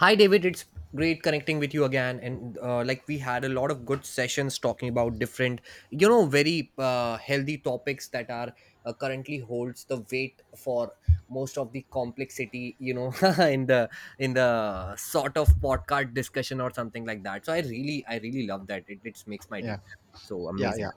Hi, David. It's great connecting with you again. And we had a lot of good sessions talking about different, you know, very healthy topics that are currently holds the weight for most of the complexity, you know, in the in the sort of podcast discussion or something like that. So I really love that. It makes my day Yeah, so yeah, amazing. yeah.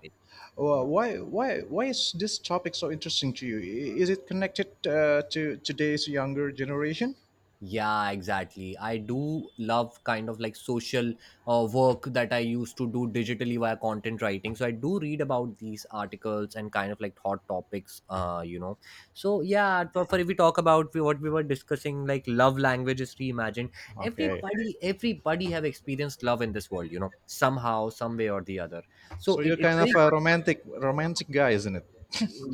Well, why is this topic so interesting to you? I- Is it connected to today's younger generation? Yeah, exactly. I do love kind of like social work that I used to do digitally via content writing. So I do read about these articles and kind of like hot topics, you know. So yeah, for if we talk about what we were discussing, like love languages reimagined, Okay, everybody have experienced love in this world, you know, somehow, some way or the other. So so you're kind of a romantic guy, isn't it?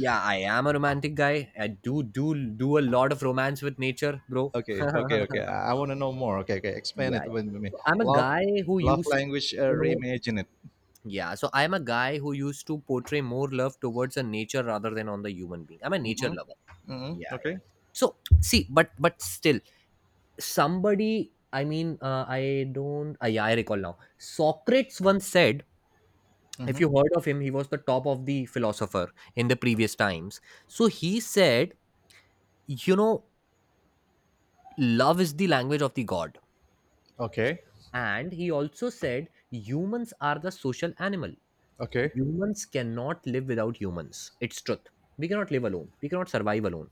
yeah, I am a romantic guy. I do a lot of romance with nature, bro. Okay, okay, okay. I want to know more. Okay, okay. Explain Yeah, it yeah. with me. So I'm a Love, guy who love used, language. You know, Reimagine it. yeah. So I'm a guy who used to portray more love towards a nature rather than on the human being. I'm a nature Mm-hmm. lover. Mm-hmm. Yeah, yeah. Okay. So see, but still, somebody. I mean, I don't. Yeah, I recall now. Socrates once said, if Mm-hmm. you heard of him, he was the top of the philosopher in the previous times. So he said, you know, love is the language of the god, Okay. and he also said humans are the social animal. Okay. Humans cannot live without humans. It's truth. We cannot live alone. We cannot survive alone.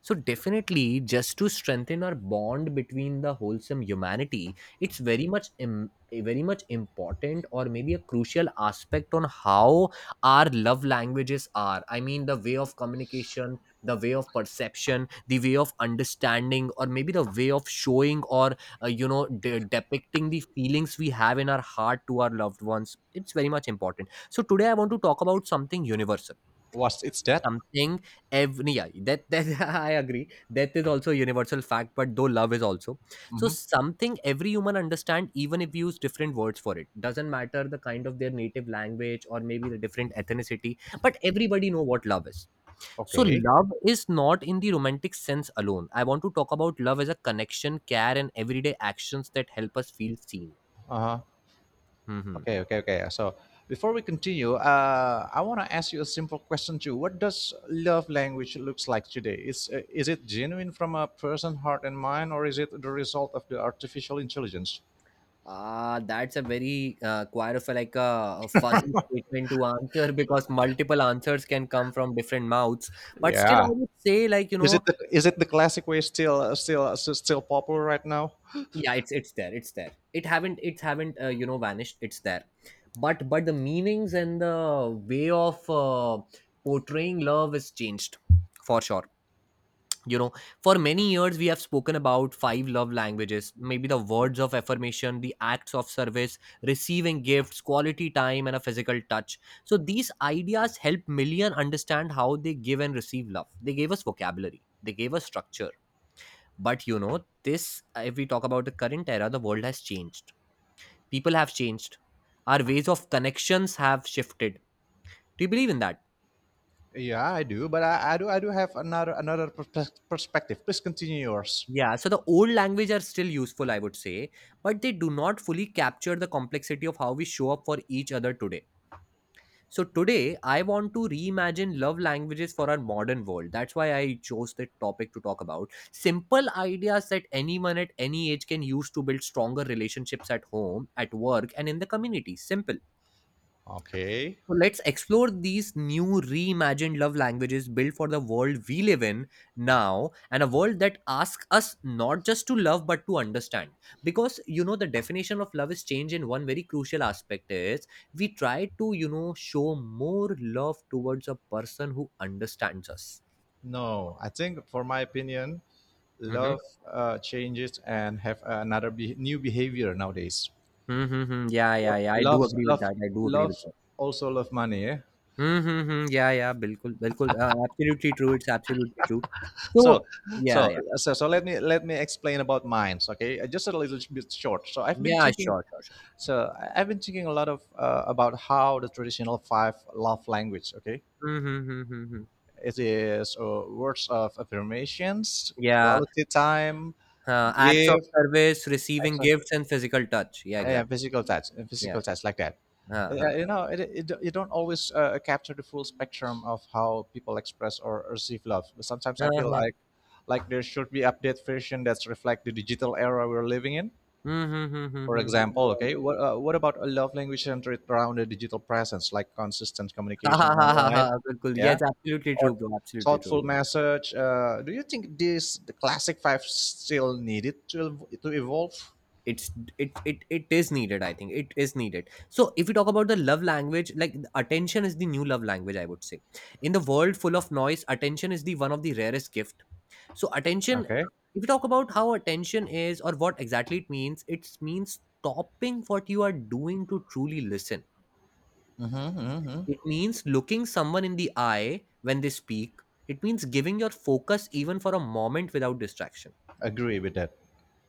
So definitely just to strengthen our bond between the wholesome humanity, it's very much important or maybe a crucial aspect on how our love languages are. I mean, the way of communication, the way of perception, the way of understanding or maybe the way of showing or you know, depicting the feelings we have in our heart to our loved ones, it's very much important. So today I want to talk about something universal, What's it's that? something every yeah, that I agree. Death is also a universal fact, but though love is also, so Mm-hmm. something every human understand, even if we use different words for it. Doesn't matter the kind of their native language or maybe the different ethnicity, but everybody know what love is. So Okay. love is not in the romantic sense alone. I want to talk about love as a connection, care, and everyday actions that help us feel seen. Uh huh. Mhm. Okay, okay, okay. So before we continue, I want to ask you a simple question too. What does love language looks like today? Is it genuine from a person heart and mind, or is it the result of the artificial intelligence? Ah, that's a very quite of a fuzzy statement to answer because multiple answers can come from different mouths. But still, I Yeah. would say like you know, Is it the classic way still popular right now? yeah, it's there. It haven't you know, vanished. It's there. But the meanings and the way of portraying love is changed for sure. You know, for many years we have spoken about five love languages, maybe the words of affirmation, the acts of service, receiving gifts, quality time, and a physical touch. So these ideas help million understand how they give and receive love. They gave us vocabulary, they gave us structure. But you know this, if we talk about the current era, the world has changed, people have changed, our ways of connections have shifted. Do you believe in that? Yeah, I do, but I do have another perspective. Please continue yours. Yeah, so the old language are still useful, I would say, but they do not fully capture the complexity of how we show up for each other today. So today, I want to reimagine love languages for our modern world. That's why I chose the topic to talk about. Simple ideas that anyone at any age can use to build stronger relationships at home, at work, and in the community. Simple. Okay. So let's explore these new reimagined love languages built for the world we live in now, and a world that asks us not just to love but to understand. Because you know the definition of love is changed in one very crucial aspect is we try to, you know, show more love towards a person who understands us. No, I think for my opinion, Mm-hmm. love changes and have another new behavior nowadays. Mm-hmm. Yeah, yeah, Lo- yeah. I do Love, agree with love, that. I do agree love with that. also love money. Yeah? Mm-hmm. Yeah, yeah. Bilkul, bilkul. Absolutely true. It's absolutely true. So, So, yeah, so, yeah. so, so let me explain about mines. Okay, just a little bit short. So I've been Yeah, thinking. sure, sure, sure. So I've been thinking a lot of about how the traditional five love language. Okay, Mhm, mhm, mhm, mhm. it is words of affirmations, Yeah, quality time, acts of give, service, receiving Exactly. gifts, and physical touch. Yeah, Yeah, exactly. Yeah. physical touch like that. हाँ हाँ You know, you don't always capture the full spectrum of how people express or receive love. But sometimes हाँ I feel हाँ like there should be update version that reflect the digital era we're living in. Hmm hmm hmm hmm For hmm, hmm, example, yeah. okay, what about a love language centered around the digital presence, like consistent हाँ communication हाँ हाँ हाँ online, हाँ बिल्कुल yeah, yes, absolutely true, or bro, absolutely true. thoughtful Right. message? Do you think this the classic five still needed to to evolve? It's, it is needed. I think it is needed. So if we talk about the love language, like the attention is the new love language, I would say, in the world full of noise, attention is the one of the rarest gifts. So attention, Okay. if you talk about how attention is or what exactly it means stopping what you are doing to truly listen. Mm-hmm, mm-hmm. It means looking someone in the eye when they speak. It means giving your focus even for a moment without distraction. Agree with that.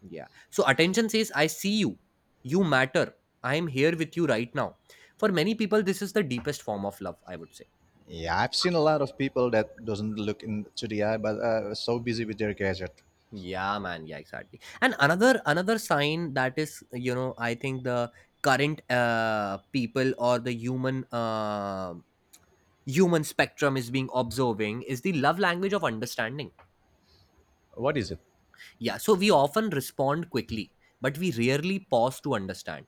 Yeah. So attention says, I see you. You matter. I am here with you right now. For many people, this is the deepest form of love, I would say. Yeah, I've seen a lot of people that doesn't look into the eye, but so busy with their gadget. Yeah, man, yeah, exactly. And another sign that is, you know, I think the current people or the human human spectrum is being observing is the love language of understanding. What is it? Yeah, so we often respond quickly, but we rarely pause to understand.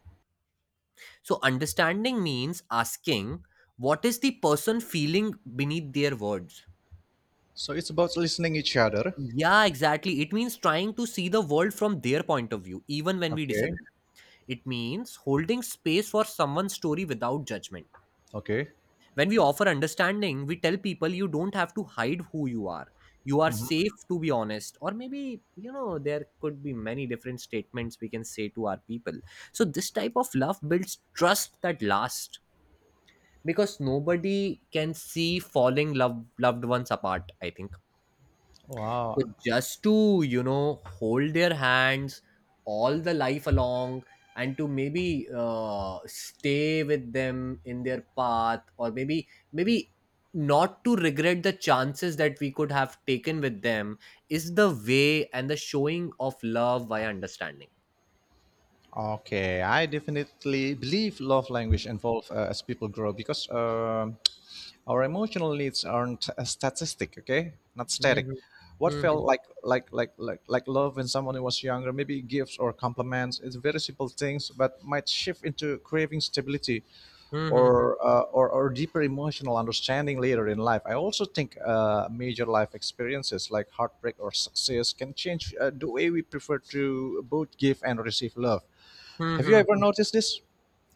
So understanding means asking, what is the person feeling beneath their words? So it's about listening each other. Yeah, exactly. It means trying to see the world from their point of view even when we Okay. disagree. It means holding space for someone's story without judgment. Okay. When we offer understanding, we tell people you don't have to hide who you are. You are Hmm. safe to be honest. Or maybe, you know, there could be many different statements we can say to our people. So, this type of love builds trust that lasts, because nobody can see falling love, loved ones apart, I think. So Wow. just to, you know, hold their hands all the life along and to maybe stay with them in their path, or maybe not to regret the chances that we could have taken with them is the way and the showing of love via understanding. Okay, I definitely believe love language evolve as people grow because our emotional needs aren't a statistic, okay? Not static. Mhm. What Mhm. felt love when someone was younger, maybe gifts or compliments, it's very simple things, but might shift into craving stability Mhm. or deeper emotional understanding later in life. I also think major life experiences like heartbreak or success can change the way we prefer to both give and receive love. Have you Mhm. ever Mhm. noticed this?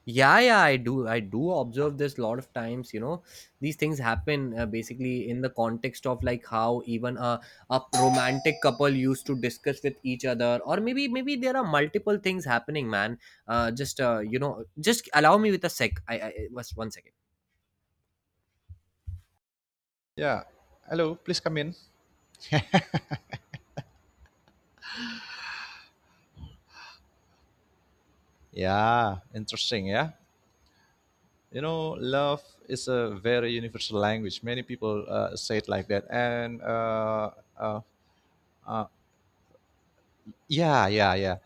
Yeah, yeah, I do observe this a lot of times, you know, these things happen, basically in the context of like how even a romantic couple used to discuss with each other, or maybe there are multiple things happening, man. Just you know, just allow me with a sec. I was one second. Yeah. Hello, please come in. Yeah, interesting. Yeah. You know, love is a very universal language. Many people say it like that. And uh, uh, yeah, yeah, yeah.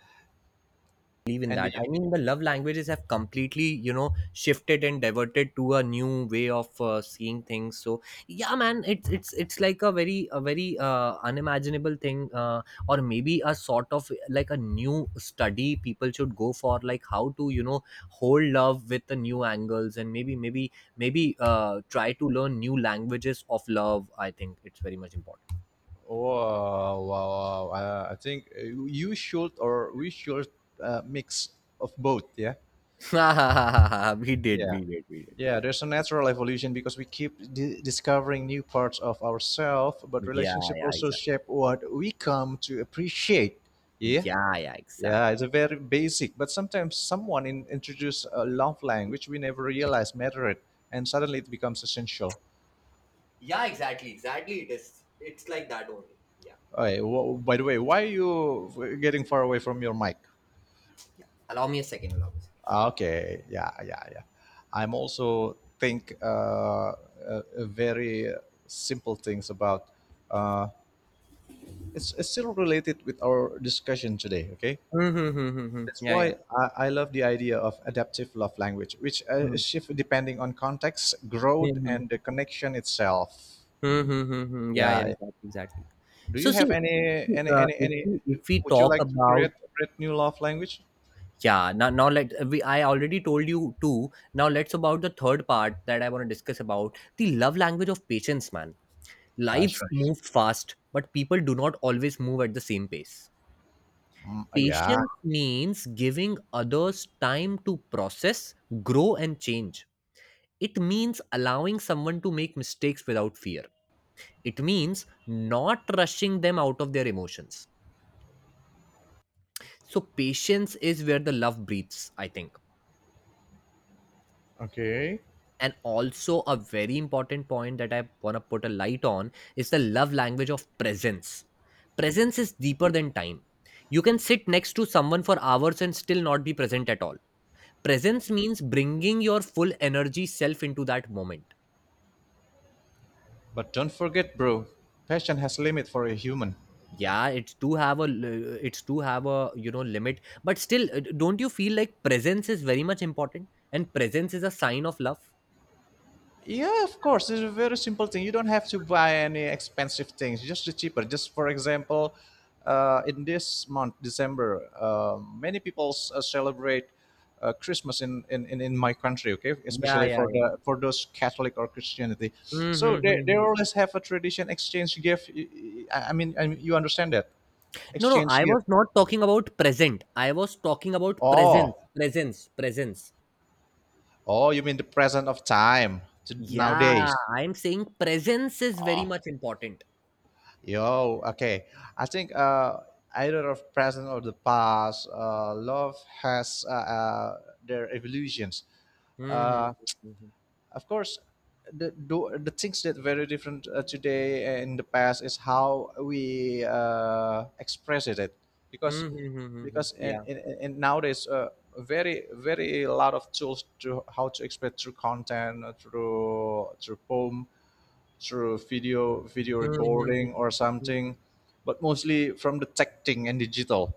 Believe in And the, that. I mean, the love languages have completely, you know, shifted and diverted to a new way of seeing things. So yeah, man, it's like a very unimaginable thing, or maybe a sort of like a new study people should go for, like how to, you know, hold love with the new angles, and maybe try to learn new languages of love. I think it's very much important. wow, wow, wow. I think you should or we should mix of both. Yeah. We did, Yeah. we did, we did. Yeah, there's a natural evolution because we keep discovering new parts of ourselves, but Yeah, relationship yeah, also exactly. shape what we come to appreciate. Yeah, Yeah, yeah, yeah, exactly. it's a very basic, but sometimes someone introduce a love language we never realized mattered, and suddenly it becomes essential. Yeah, exactly, exactly. It is. It's like that only. Yeah. Okay, by the way, why are you getting far away from your mic? Allow me a second. Allow me a second. Ah, okay, yeah, yeah, yeah. I'm also think very simple things about. Uh, it's still related with our discussion today, okay, Mm-hmm. that's Yeah, yeah. why I love the idea of adaptive love language which shift depending on context growth Mm-hmm. and the connection itself. Mm-hmm. Yeah, yeah, Yeah, exactly, exactly. do you So see, have if any we would you talk like to create, about, create new love language yeah, now now let we I already told you two. Now let's about the third part that I want to discuss about the love language of patience, man. Life passions? moves fast, but people do not always move at the same pace. Mm, yeah. Patience means giving others time to process, grow, and change. It means allowing someone to make mistakes without fear. It means not rushing them out of their emotions. So, patience is where the love breathes, I think. Okay, And also, a very important point that I want to put a light on is the love language of presence. Presence is deeper than time. You can sit next to someone for hours and still not be present at all. Presence means bringing your full energy self into that moment. but don't forget, bro, passion has limit for a human. Yeah, it's to have a it's to have a, you know, limit, but still, don't you feel like presence is very much important and presence is a sign of love? Yeah, of course. It's a very simple thing. You don't have to buy any expensive things. Just the cheaper. Just for example, in this month, December, many people celebrate Christmas in my country. Okay, Yeah, especially yeah, for yeah. the for those Catholic or Christianity. So Mm-hmm. They Mm-hmm. always have a tradition exchange gift. I mean, you understand that No, no, I exchange gift. was not talking about present. I was talking about presence, Oh, presence, presence. oh, you mean the present of time to Yeah, nowadays? I'm saying presence is very much important. Yo, okay. I think either of present or the past, love has their evolutions. Mm-hmm. Uh, Mm-hmm. of course, the things that very different today and in the past is how we express it, because Mm-hmm. Mm-hmm, mm-hmm. because in, Yeah. in, in nowadays very very lot of tools to how to express through content through poem through video Mm-hmm. Mm-hmm. Mm-hmm. recording or something, but mostly from the tech thing and digital.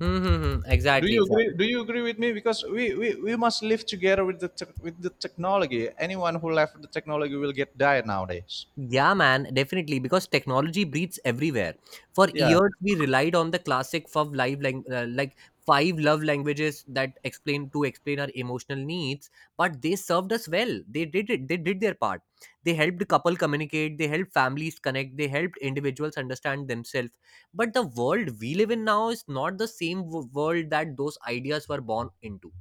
Mm-hmm, mm-hmm. Do Exactly, you agree? exactly. Do you agree with me? Because we must live together with the tech with the technology. Anyone who left the technology will get died nowadays. Yeah, man, definitely. Because technology breeds everywhere. For Yeah. years, we relied on the classic five love languages that explain our emotional needs. But they served us well. They did it. They did their part. They helped couple communicate. They helped families connect. They helped individuals understand themselves. But the world we live in now is not the same world that those ideas were born into.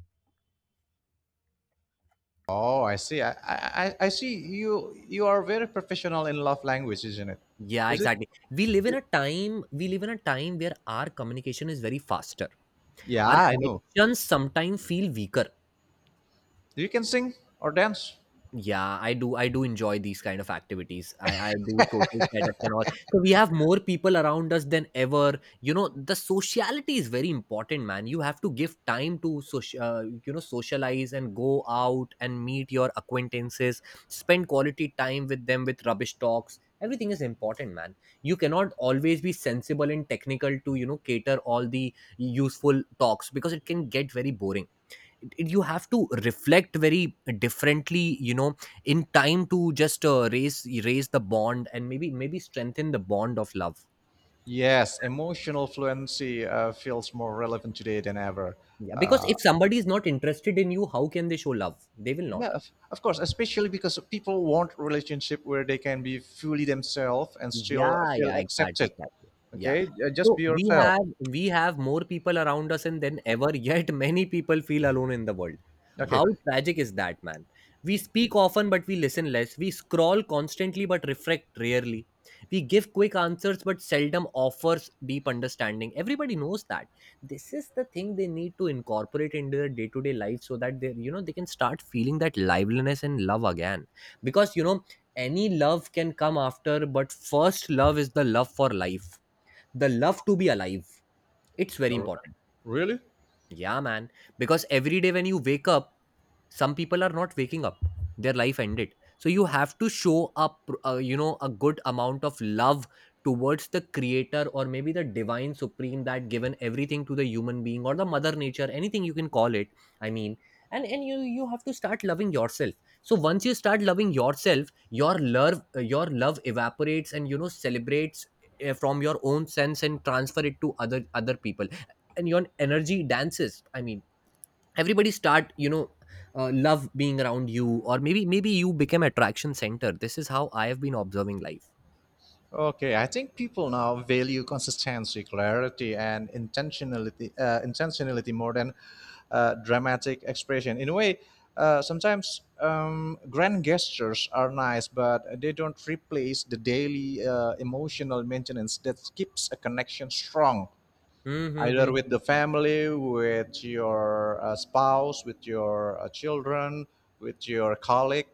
Oh, I see. I see. You are very professional in love language, isn't it? Yeah, Is it? exactly. We live in a time where our communication is very fast, Yeah, our I know. connections sometimes feel weaker. You can sing or dance. Yeah, I do enjoy these kind of activities. I do social setups and all. So we have more people around us than ever, you know. The sociality is very important, man. You have to give time to social, you know, socialize and go out and meet your acquaintances, spend quality time with them. With rubbish talks, everything is important, man. You cannot always be sensible and technical to, you know, cater all the useful talks because it can get very boring. You have to reflect very differently, you know, in time to just raise the bond and maybe strengthen the bond of love. Yes, emotional fluency feels more relevant today than ever. Yeah, because Uh, if somebody is not interested in you, how can they show love? They will not. Yeah, of course, especially because people want relationship where they can be fully themselves and still Yeah, feel yeah, exactly, accepted. exactly. Yeah. Okay, just So be we yourself. have we have more people around us and than ever, yet many people feel alone in the world. How Okay. tragic is that, man? We speak often but we listen less. We scroll constantly but reflect rarely. We give quick answers but seldom offers deep understanding. Everybody knows that. This is the thing they need to incorporate into their day-to-day life so that they, you know, they can start feeling that liveliness and love again. Because, you know, any love can come after, but first love is the love for life, the love to be alive. It's very No, important. really? Yeah, man. Because every day when you wake up, some people are not waking up. Their life ended. So you have to show up, you know, a good amount of love towards the creator or maybe the divine supreme that given everything to the human being or the mother nature, anything you can call it. I mean, and you have to start loving yourself. So once you start loving yourself, your love evaporates and, you know, celebrates from your own sense and transfer it to other people, and your energy dances. Everybody start, you know, love being around you, or maybe you become attraction center. This is how I have been observing life. Okay, I think people now value consistency, clarity, and intentionality more than dramatic expression. In a way, sometimes grand gestures are nice, but they don't replace the daily emotional maintenance that keeps a connection strong. Hmm, hmm, Either with hmm. the family, with your spouse, with your children, with your colleague.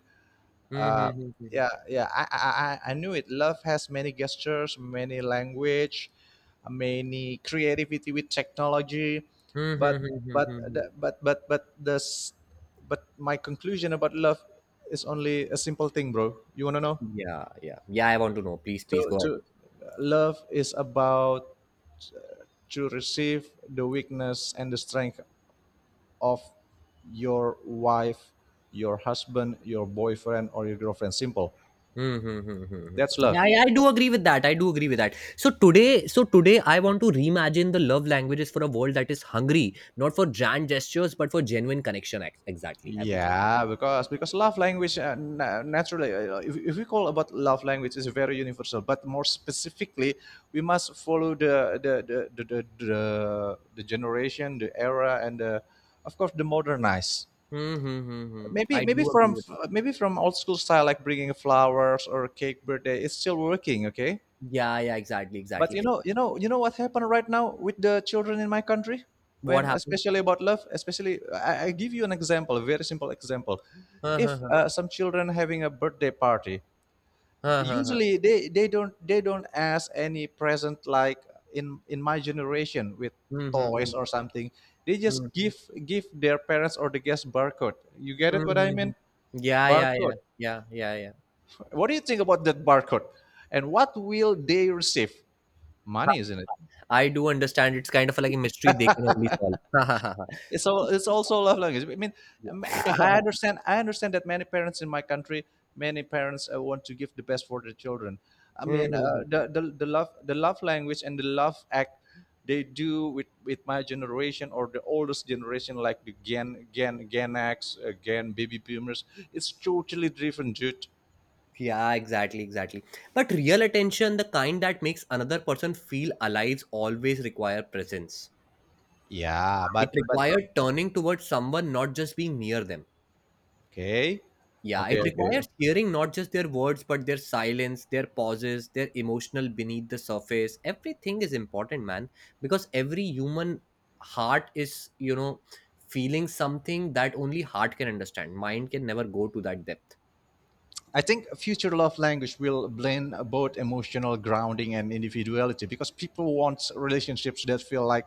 Uh, yeah, yeah, I knew it. Love has many gestures, many language, many creativity with technology, but the- but this but my conclusion about love is only a simple thing, bro. You wanna know? Yeah, yeah, yeah, I want to know. Please go ahead. To Love is about to receive the weakness and the strength of your wife, your husband, your boyfriend, or your girlfriend. Simple. Mm-hmm. That's Yeah, love. I do agree with that. I do agree with that. So today, I want to reimagine the love languages for a world that is hungry, not for grand gestures, but for genuine connection. Exactly, I would say. Yeah, because love language naturally, if we call about love language, is very universal. But more specifically, we must follow the generation, the era, and the, of course, the modernized. Mm-hmm. Maybe I maybe do agree from with. maybe from old school style, like bringing flowers or cake birthday, it's still working. Okay, Yeah, yeah, exactly, but exactly. You know what happened right now with the children in my country What when happened? especially about love, especially I give you an example, a very simple example. Huh, huh, If huh. Some children having a birthday party, Huh, huh, huh. usually they don't ask any present like in my generation with Hmm, hmm, hmm. toys or something. They Hmm. just give their parents or the guest barcode. You get Hmm, it what I hmm, hmm. mean? Yeah, yeah, Barcode. yeah, yeah, yeah, yeah. What do you think about that barcode, and what will they receive? Money, isn't it? I do understand. It's kind of like a mystery they can only solve. Ha, ha, ha, ha. It's all it's also a love language. I mean, Yeah. i I understand i understand that many parents in my country, many parents want to give the best for their children. I Hmm, mean, hmm, hmm. The love, the love language and the love act they do with my generation or the oldest generation like the gen x, gen baby boomers, it's totally different, dude. Yeah, exactly, exactly. But real attention, the kind that makes another person feel alive, always require presence. Yeah, It but requires turning towards someone, not just being near them. okay, Yeah, okay, it okay. requires hearing not just their words, but their silence, their pauses, their emotional beneath the surface. Everything is important, man, because every human heart is, you know, feeling something that only heart can understand. Mind can never go to that depth. I think future love language will blend both emotional grounding and individuality because people want relationships that feel like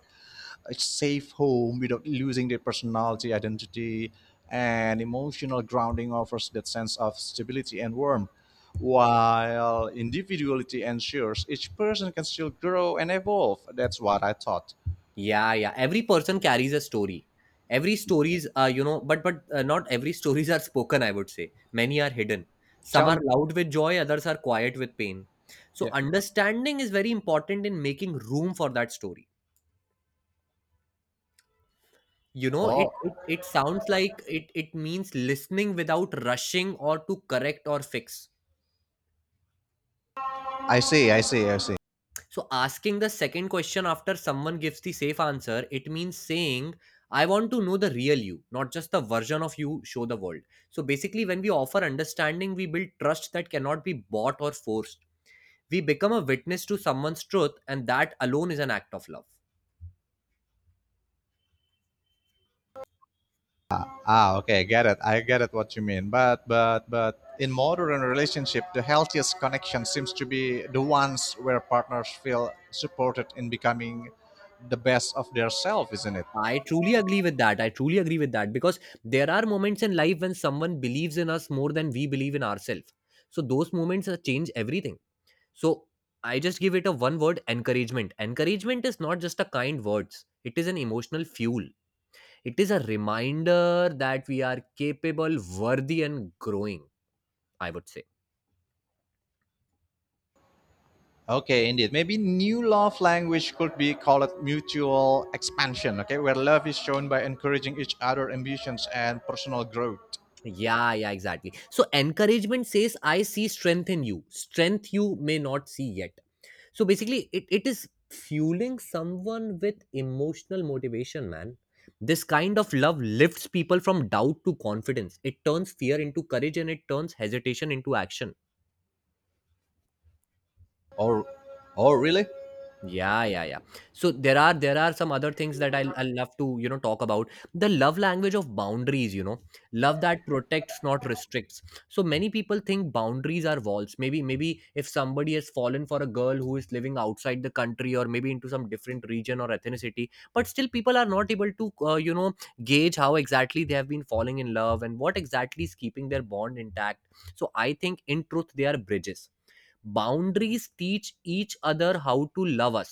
a safe home without losing their personality, identity, and emotional grounding offers that sense of stability and warmth. While individuality ensures each person can still grow and evolve. That's what I thought. Yeah, yeah. Every person carries a story. Every stories are, you know, but not every stories are spoken. I would say many are hidden. Some Tell me. are loud with joy, others are quiet with pain. So Yeah. understanding is very important in making room for that story. You know, Oh, it sounds like it means listening without rushing or to correct or fix. I see. So asking the second question after someone gives the safe answer, it means saying, I want to know the real you, not just the version of you show the world. So basically, when we offer understanding, we build trust that cannot be bought or forced. We become a witness to someone's truth, and that alone is an act of love. Ah, okay, get it. I get it what you mean. But in modern relationship, the healthiest connection seems to be the ones where partners feel supported in becoming the best of their self, isn't it? I truly agree with that. I truly agree with that because there are moments in life when someone believes in us more than we believe in ourselves. So those moments change everything. So I just give it a one word encouragement. Encouragement is not just a kind words. It is an emotional fuel. It is a reminder that we are capable, worthy and growing, I would say. Okay, indeed. Maybe new love language could be called mutual expansion, okay, where love is shown by encouraging each other ambitions and personal growth. Yeah, yeah, exactly. So encouragement says, I see strength in you, strength you may not see yet. So basically, it is fueling someone with emotional motivation, man. This kind of love lifts people from doubt to confidence. It turns fear into courage and it turns hesitation into action. Oh, oh really? Yeah, yeah, yeah. So there are some other things that I'll love to, you know, talk about. The love language of boundaries, you know, love that protects, not restricts. So many people think boundaries are walls. Maybe if somebody has fallen for a girl who is living outside the country or maybe into some different region or ethnicity, but still people are not able to you know, gauge how exactly they have been falling in love and what exactly is keeping their bond intact. So I think in truth they are bridges. Boundaries teach each other how to love us.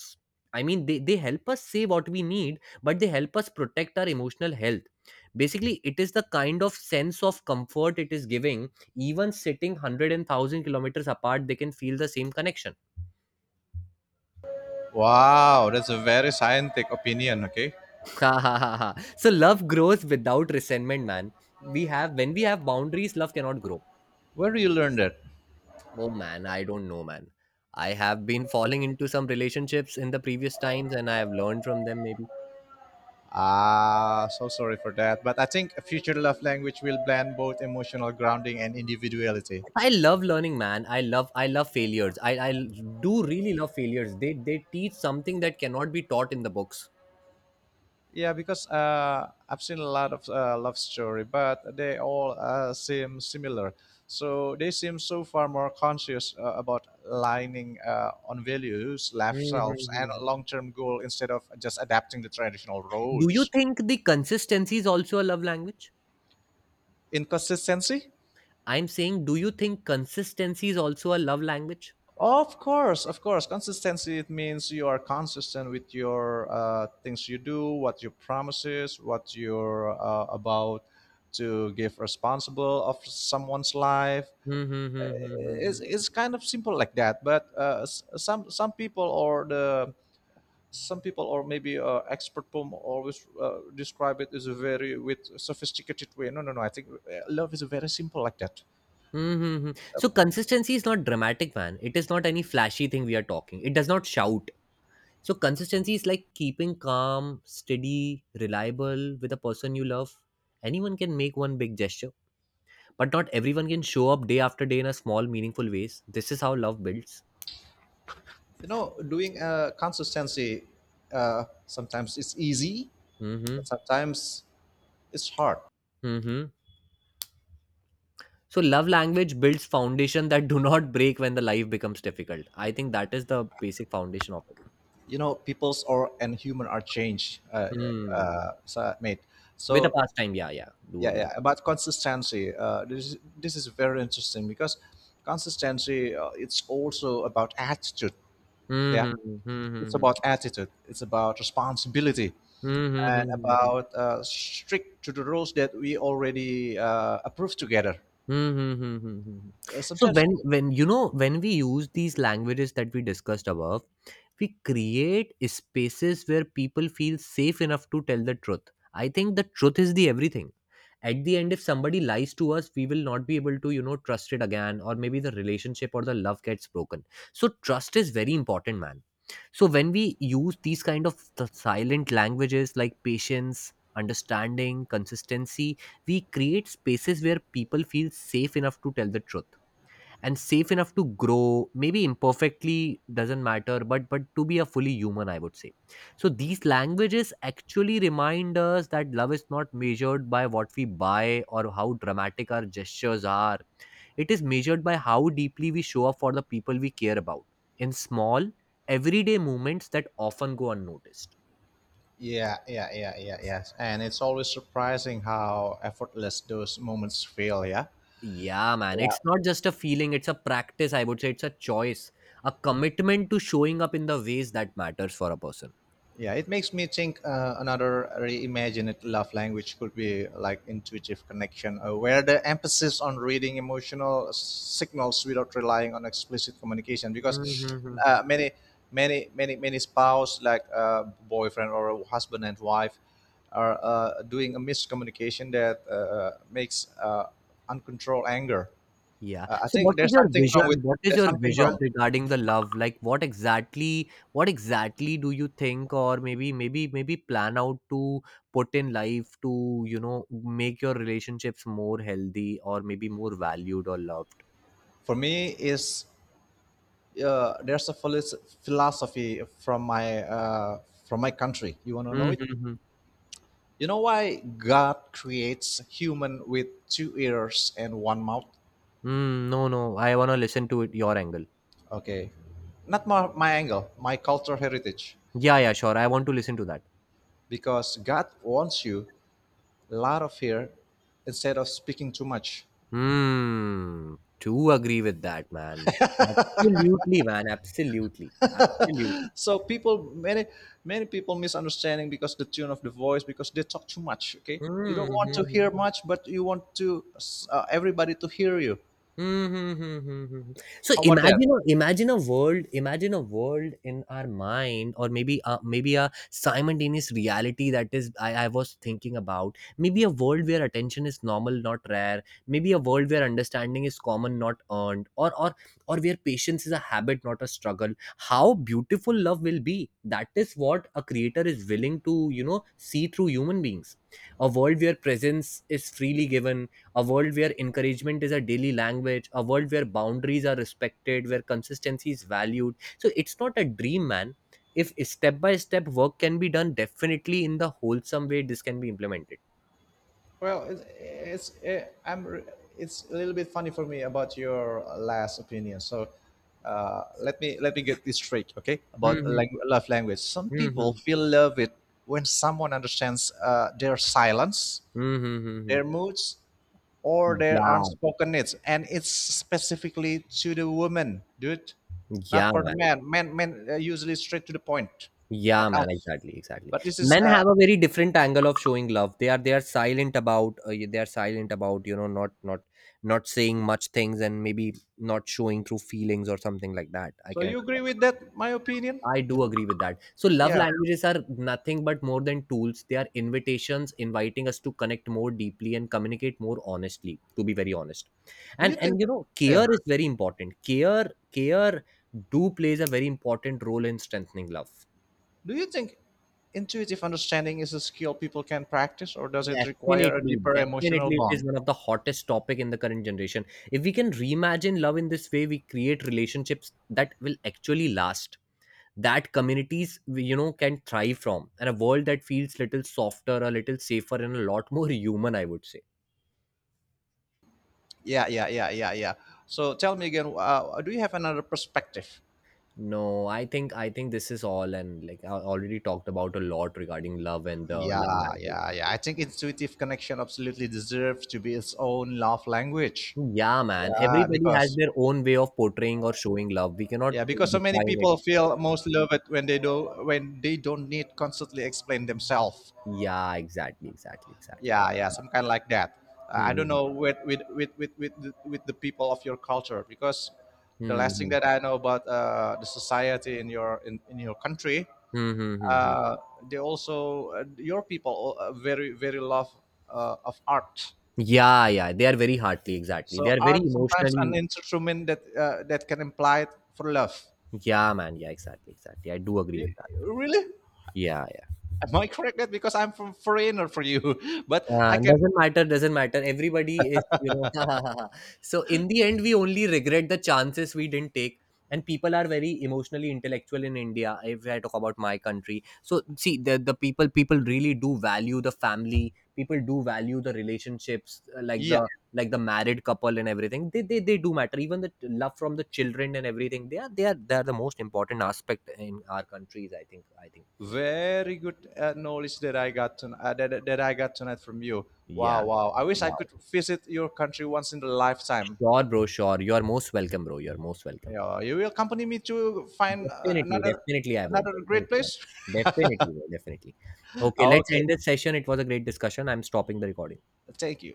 I mean, they help us say what we need, but they help us protect our emotional health. Basically, it is the kind of sense of comfort it is giving. Even sitting 100 kilometers apart, they can feel the same connection. Wow, that's a very scientific opinion, okay? Ha, ha, ha, ha. So love grows without resentment, man. We have When we have boundaries, love cannot grow. Where do you learn that? Oh man, I don't know, man. I have been falling into some relationships in the previous times and I have learned from them, maybe. Ah, so sorry for that. But I think a future love language will blend both emotional grounding and individuality. I love learning, man. I love failures. I do really love failures. They teach something that cannot be taught in the books. Yeah, because I've seen a lot of love story, but they all seem similar. So they seem so far more conscious about aligning on values, lifestyles, and Mhm. long-term goal instead of just adapting the traditional Do you roles. think the consistency is also a love language? Inconsistency. I'm saying, do you think consistency is also a love language? Of course, of course. Consistency, it means you are consistent with your things you do, what you promises, what you're about to give responsible of someone's life. Uh, Mm-hmm. it's kind of simple like that. But some people or the some people or maybe expert poem always describe it as a very with sophisticated way. No, I think love is very simple like that. Mm-hmm. Uh, So consistency is not dramatic, man. It is not any flashy thing we are talking. It does not shout. So consistency is like keeping calm, steady, reliable with a person you love. Anyone can make one big gesture, but not everyone can show up day after day in a small meaningful ways. This is how love builds. doing consistency sometimes it's easy, Mm-hmm. but sometimes it's hard. Mm-hmm. So love language builds foundation that do not break when the life becomes difficult. I think that is the basic foundation of it. You know, peoples or and human are changed Hmm. So mate With a so pastime, yeah, yeah, do yeah agree. yeah about consistency, this is very interesting because consistency it's also about attitude. Yeah, Mm-hmm. it's Mm-hmm. about attitude, it's about responsibility, Mm-hmm. and Mm-hmm. about strict to the rules that we already approved together. Hmm, hmm, hmm, hmm, hmm, hmm. uh, So sometimes when, you know, when we use these languages that we discussed above, we create spaces where people feel safe enough to tell the truth. I think the truth is the everything. At the end, if somebody lies to us, we will not be able to, you know, trust it again, or maybe the relationship or the love gets broken. So trust is very important, man. So when we use these kind of the silent languages like patience, understanding, consistency, we create spaces where people feel safe enough to tell the truth and safe enough to grow, maybe imperfectly doesn't matter, but to be a fully human, I would say. So these languages actually remind us that love is not measured by what we buy or how dramatic our gestures are. It is measured by how deeply we show up for the people we care about in small, everyday moments that often go unnoticed. Yeah, yes, and it's always surprising how effortless those moments feel. Yeah. Yeah, man, it's not just a feeling, it's a practice, I would say. It's a choice, a commitment to showing up in the ways that matters for a person. Yeah, it makes me think another reimagined love language could be like intuitive connection, where the emphasis on reading emotional signals without relying on explicit communication. Because Mhm. uh, many, many spouse, like boyfriend or husband and wife, are doing a miscommunication that makes uncontrolled anger. Yeah. Uh, I So what think is there's your something wrong vision? with What is there's your something vision wrong. regarding the love? Like what exactly, do you think or maybe plan out to put in life to, you know, make your relationships more healthy or maybe more valued or loved? For me, is there's a philis- philosophy from my country. You wanna know it? Mm-hmm. You know why God creates human with two ears and one mouth? Mm, no, no. I wanna listen to it your angle. Okay, not my angle, my cultural heritage, Yeah, yeah, sure. I want to listen to that. because God wants you a lot of hair instead of speaking too much. Hmm. To agree with that, man. Absolutely, man. Absolutely. Absolutely. So people, many people misunderstanding because the tune of the voice because they talk too much. Okay, you don't want to Hmm. hear much, but you want to everybody to hear you. Mhm, mhm, mhm, mhm. So How about that? Imagine a world, in our mind, or maybe a, maybe a simultaneous reality. That is, I was thinking about maybe a world where attention is normal, not rare; maybe a world where understanding is common, not earned; or or where patience is a habit, not a struggle. How beautiful love will be! That is what a creator is willing to, you know, see through human beings. A world where presence is freely given, a world where encouragement is a daily language, a world where boundaries are respected, where consistency is valued. So it's not a dream, man. If step by step work can be done, definitely in the wholesome way, this can be implemented. Well, it's it, I'm re- it's a little bit funny for me about your last opinion. So, let me get this straight, okay? About Hmm, love language. Some people hmm, feel love it when someone understands their silence, hmm, hmm. their moods, or their Yeah, unspoken needs, and it's specifically to the woman, dude, yeah, not for the man, man. Men are usually straight to the point, yeah, like man, us. exactly, exactly. But this is Men uh. have a very different angle of showing love. They are, they are silent about, they are silent about, you know, not saying much things and maybe not showing through feelings or something like that, I So can you agree understand. with that? My opinion? I do agree with that. So, love Yeah. languages are nothing but more than tools. They are invitations inviting us to connect more deeply and communicate more honestly, to be very honest. Do And you and think you know, yeah, care is very important. Care do plays a very important role in strengthening love. do you think intuitive understanding is a skill people can practice, or does it require a Definitely, deeper emotional definitely it bond? is one of the hottest topic in the current generation. If we can reimagine love in this way, we create relationships that will actually last, that communities, you know, can thrive from, and a world that feels little softer, a little safer, and a lot more human, I would say. Yeah. So tell me again, do you have another perspective? No, I think this is all, and like I already talked about a lot regarding love and the Yeah, love language. yeah. I think intuitive connection absolutely deserves to be its own love language. Yeah, man, Yeah, everybody has because their own way of portraying or showing love. We cannot yeah, because so many define it. people feel most loved when they do when they don't need constantly explain themselves. Yeah, exactly, exactly, Yeah, yeah, some exactly. kind like that. I don't Hmm. know with the people of your culture, because the Hmm. Hmm, last thing hmm, that hmm, I know about the society in your country, hmm, hmm. Hmm, hmm, hmm. uh, they also your people very very love of art. Yeah, yeah, they are very hearty, exactly. They So are very art sometimes an emotionally. instrument that that can imply for love. Yeah, man. Yeah, exactly, exactly. I do agree with Y- that. Really, Yeah, yeah. am I correct? That because I'm from foreigner for you, but I can. Doesn't matter, doesn't matter. Everybody is, you know. So in the end, we only regret the chances we didn't take. And people are very emotionally intellectual in India. If I talk about my country, so see, the people really do value the family. People do value the relationships, like the, Yeah. like the married couple and everything. They do matter. Even the love from the children and everything. They are the most important aspect in our countries. I think. Very good knowledge that I got that I got tonight from you. Yeah. Wow, wow. I wish Yeah. I could visit your country once in a lifetime. Sure, bro. Sure. You are most welcome, bro. You are most welcome. Yeah, you will accompany me to find Definitely, definitely, I would. another great Definitely, I place. would. Definitely, bro, definitely. Okay, let's Okay, end this session. It was a great discussion. I'm stopping the recording. thank you.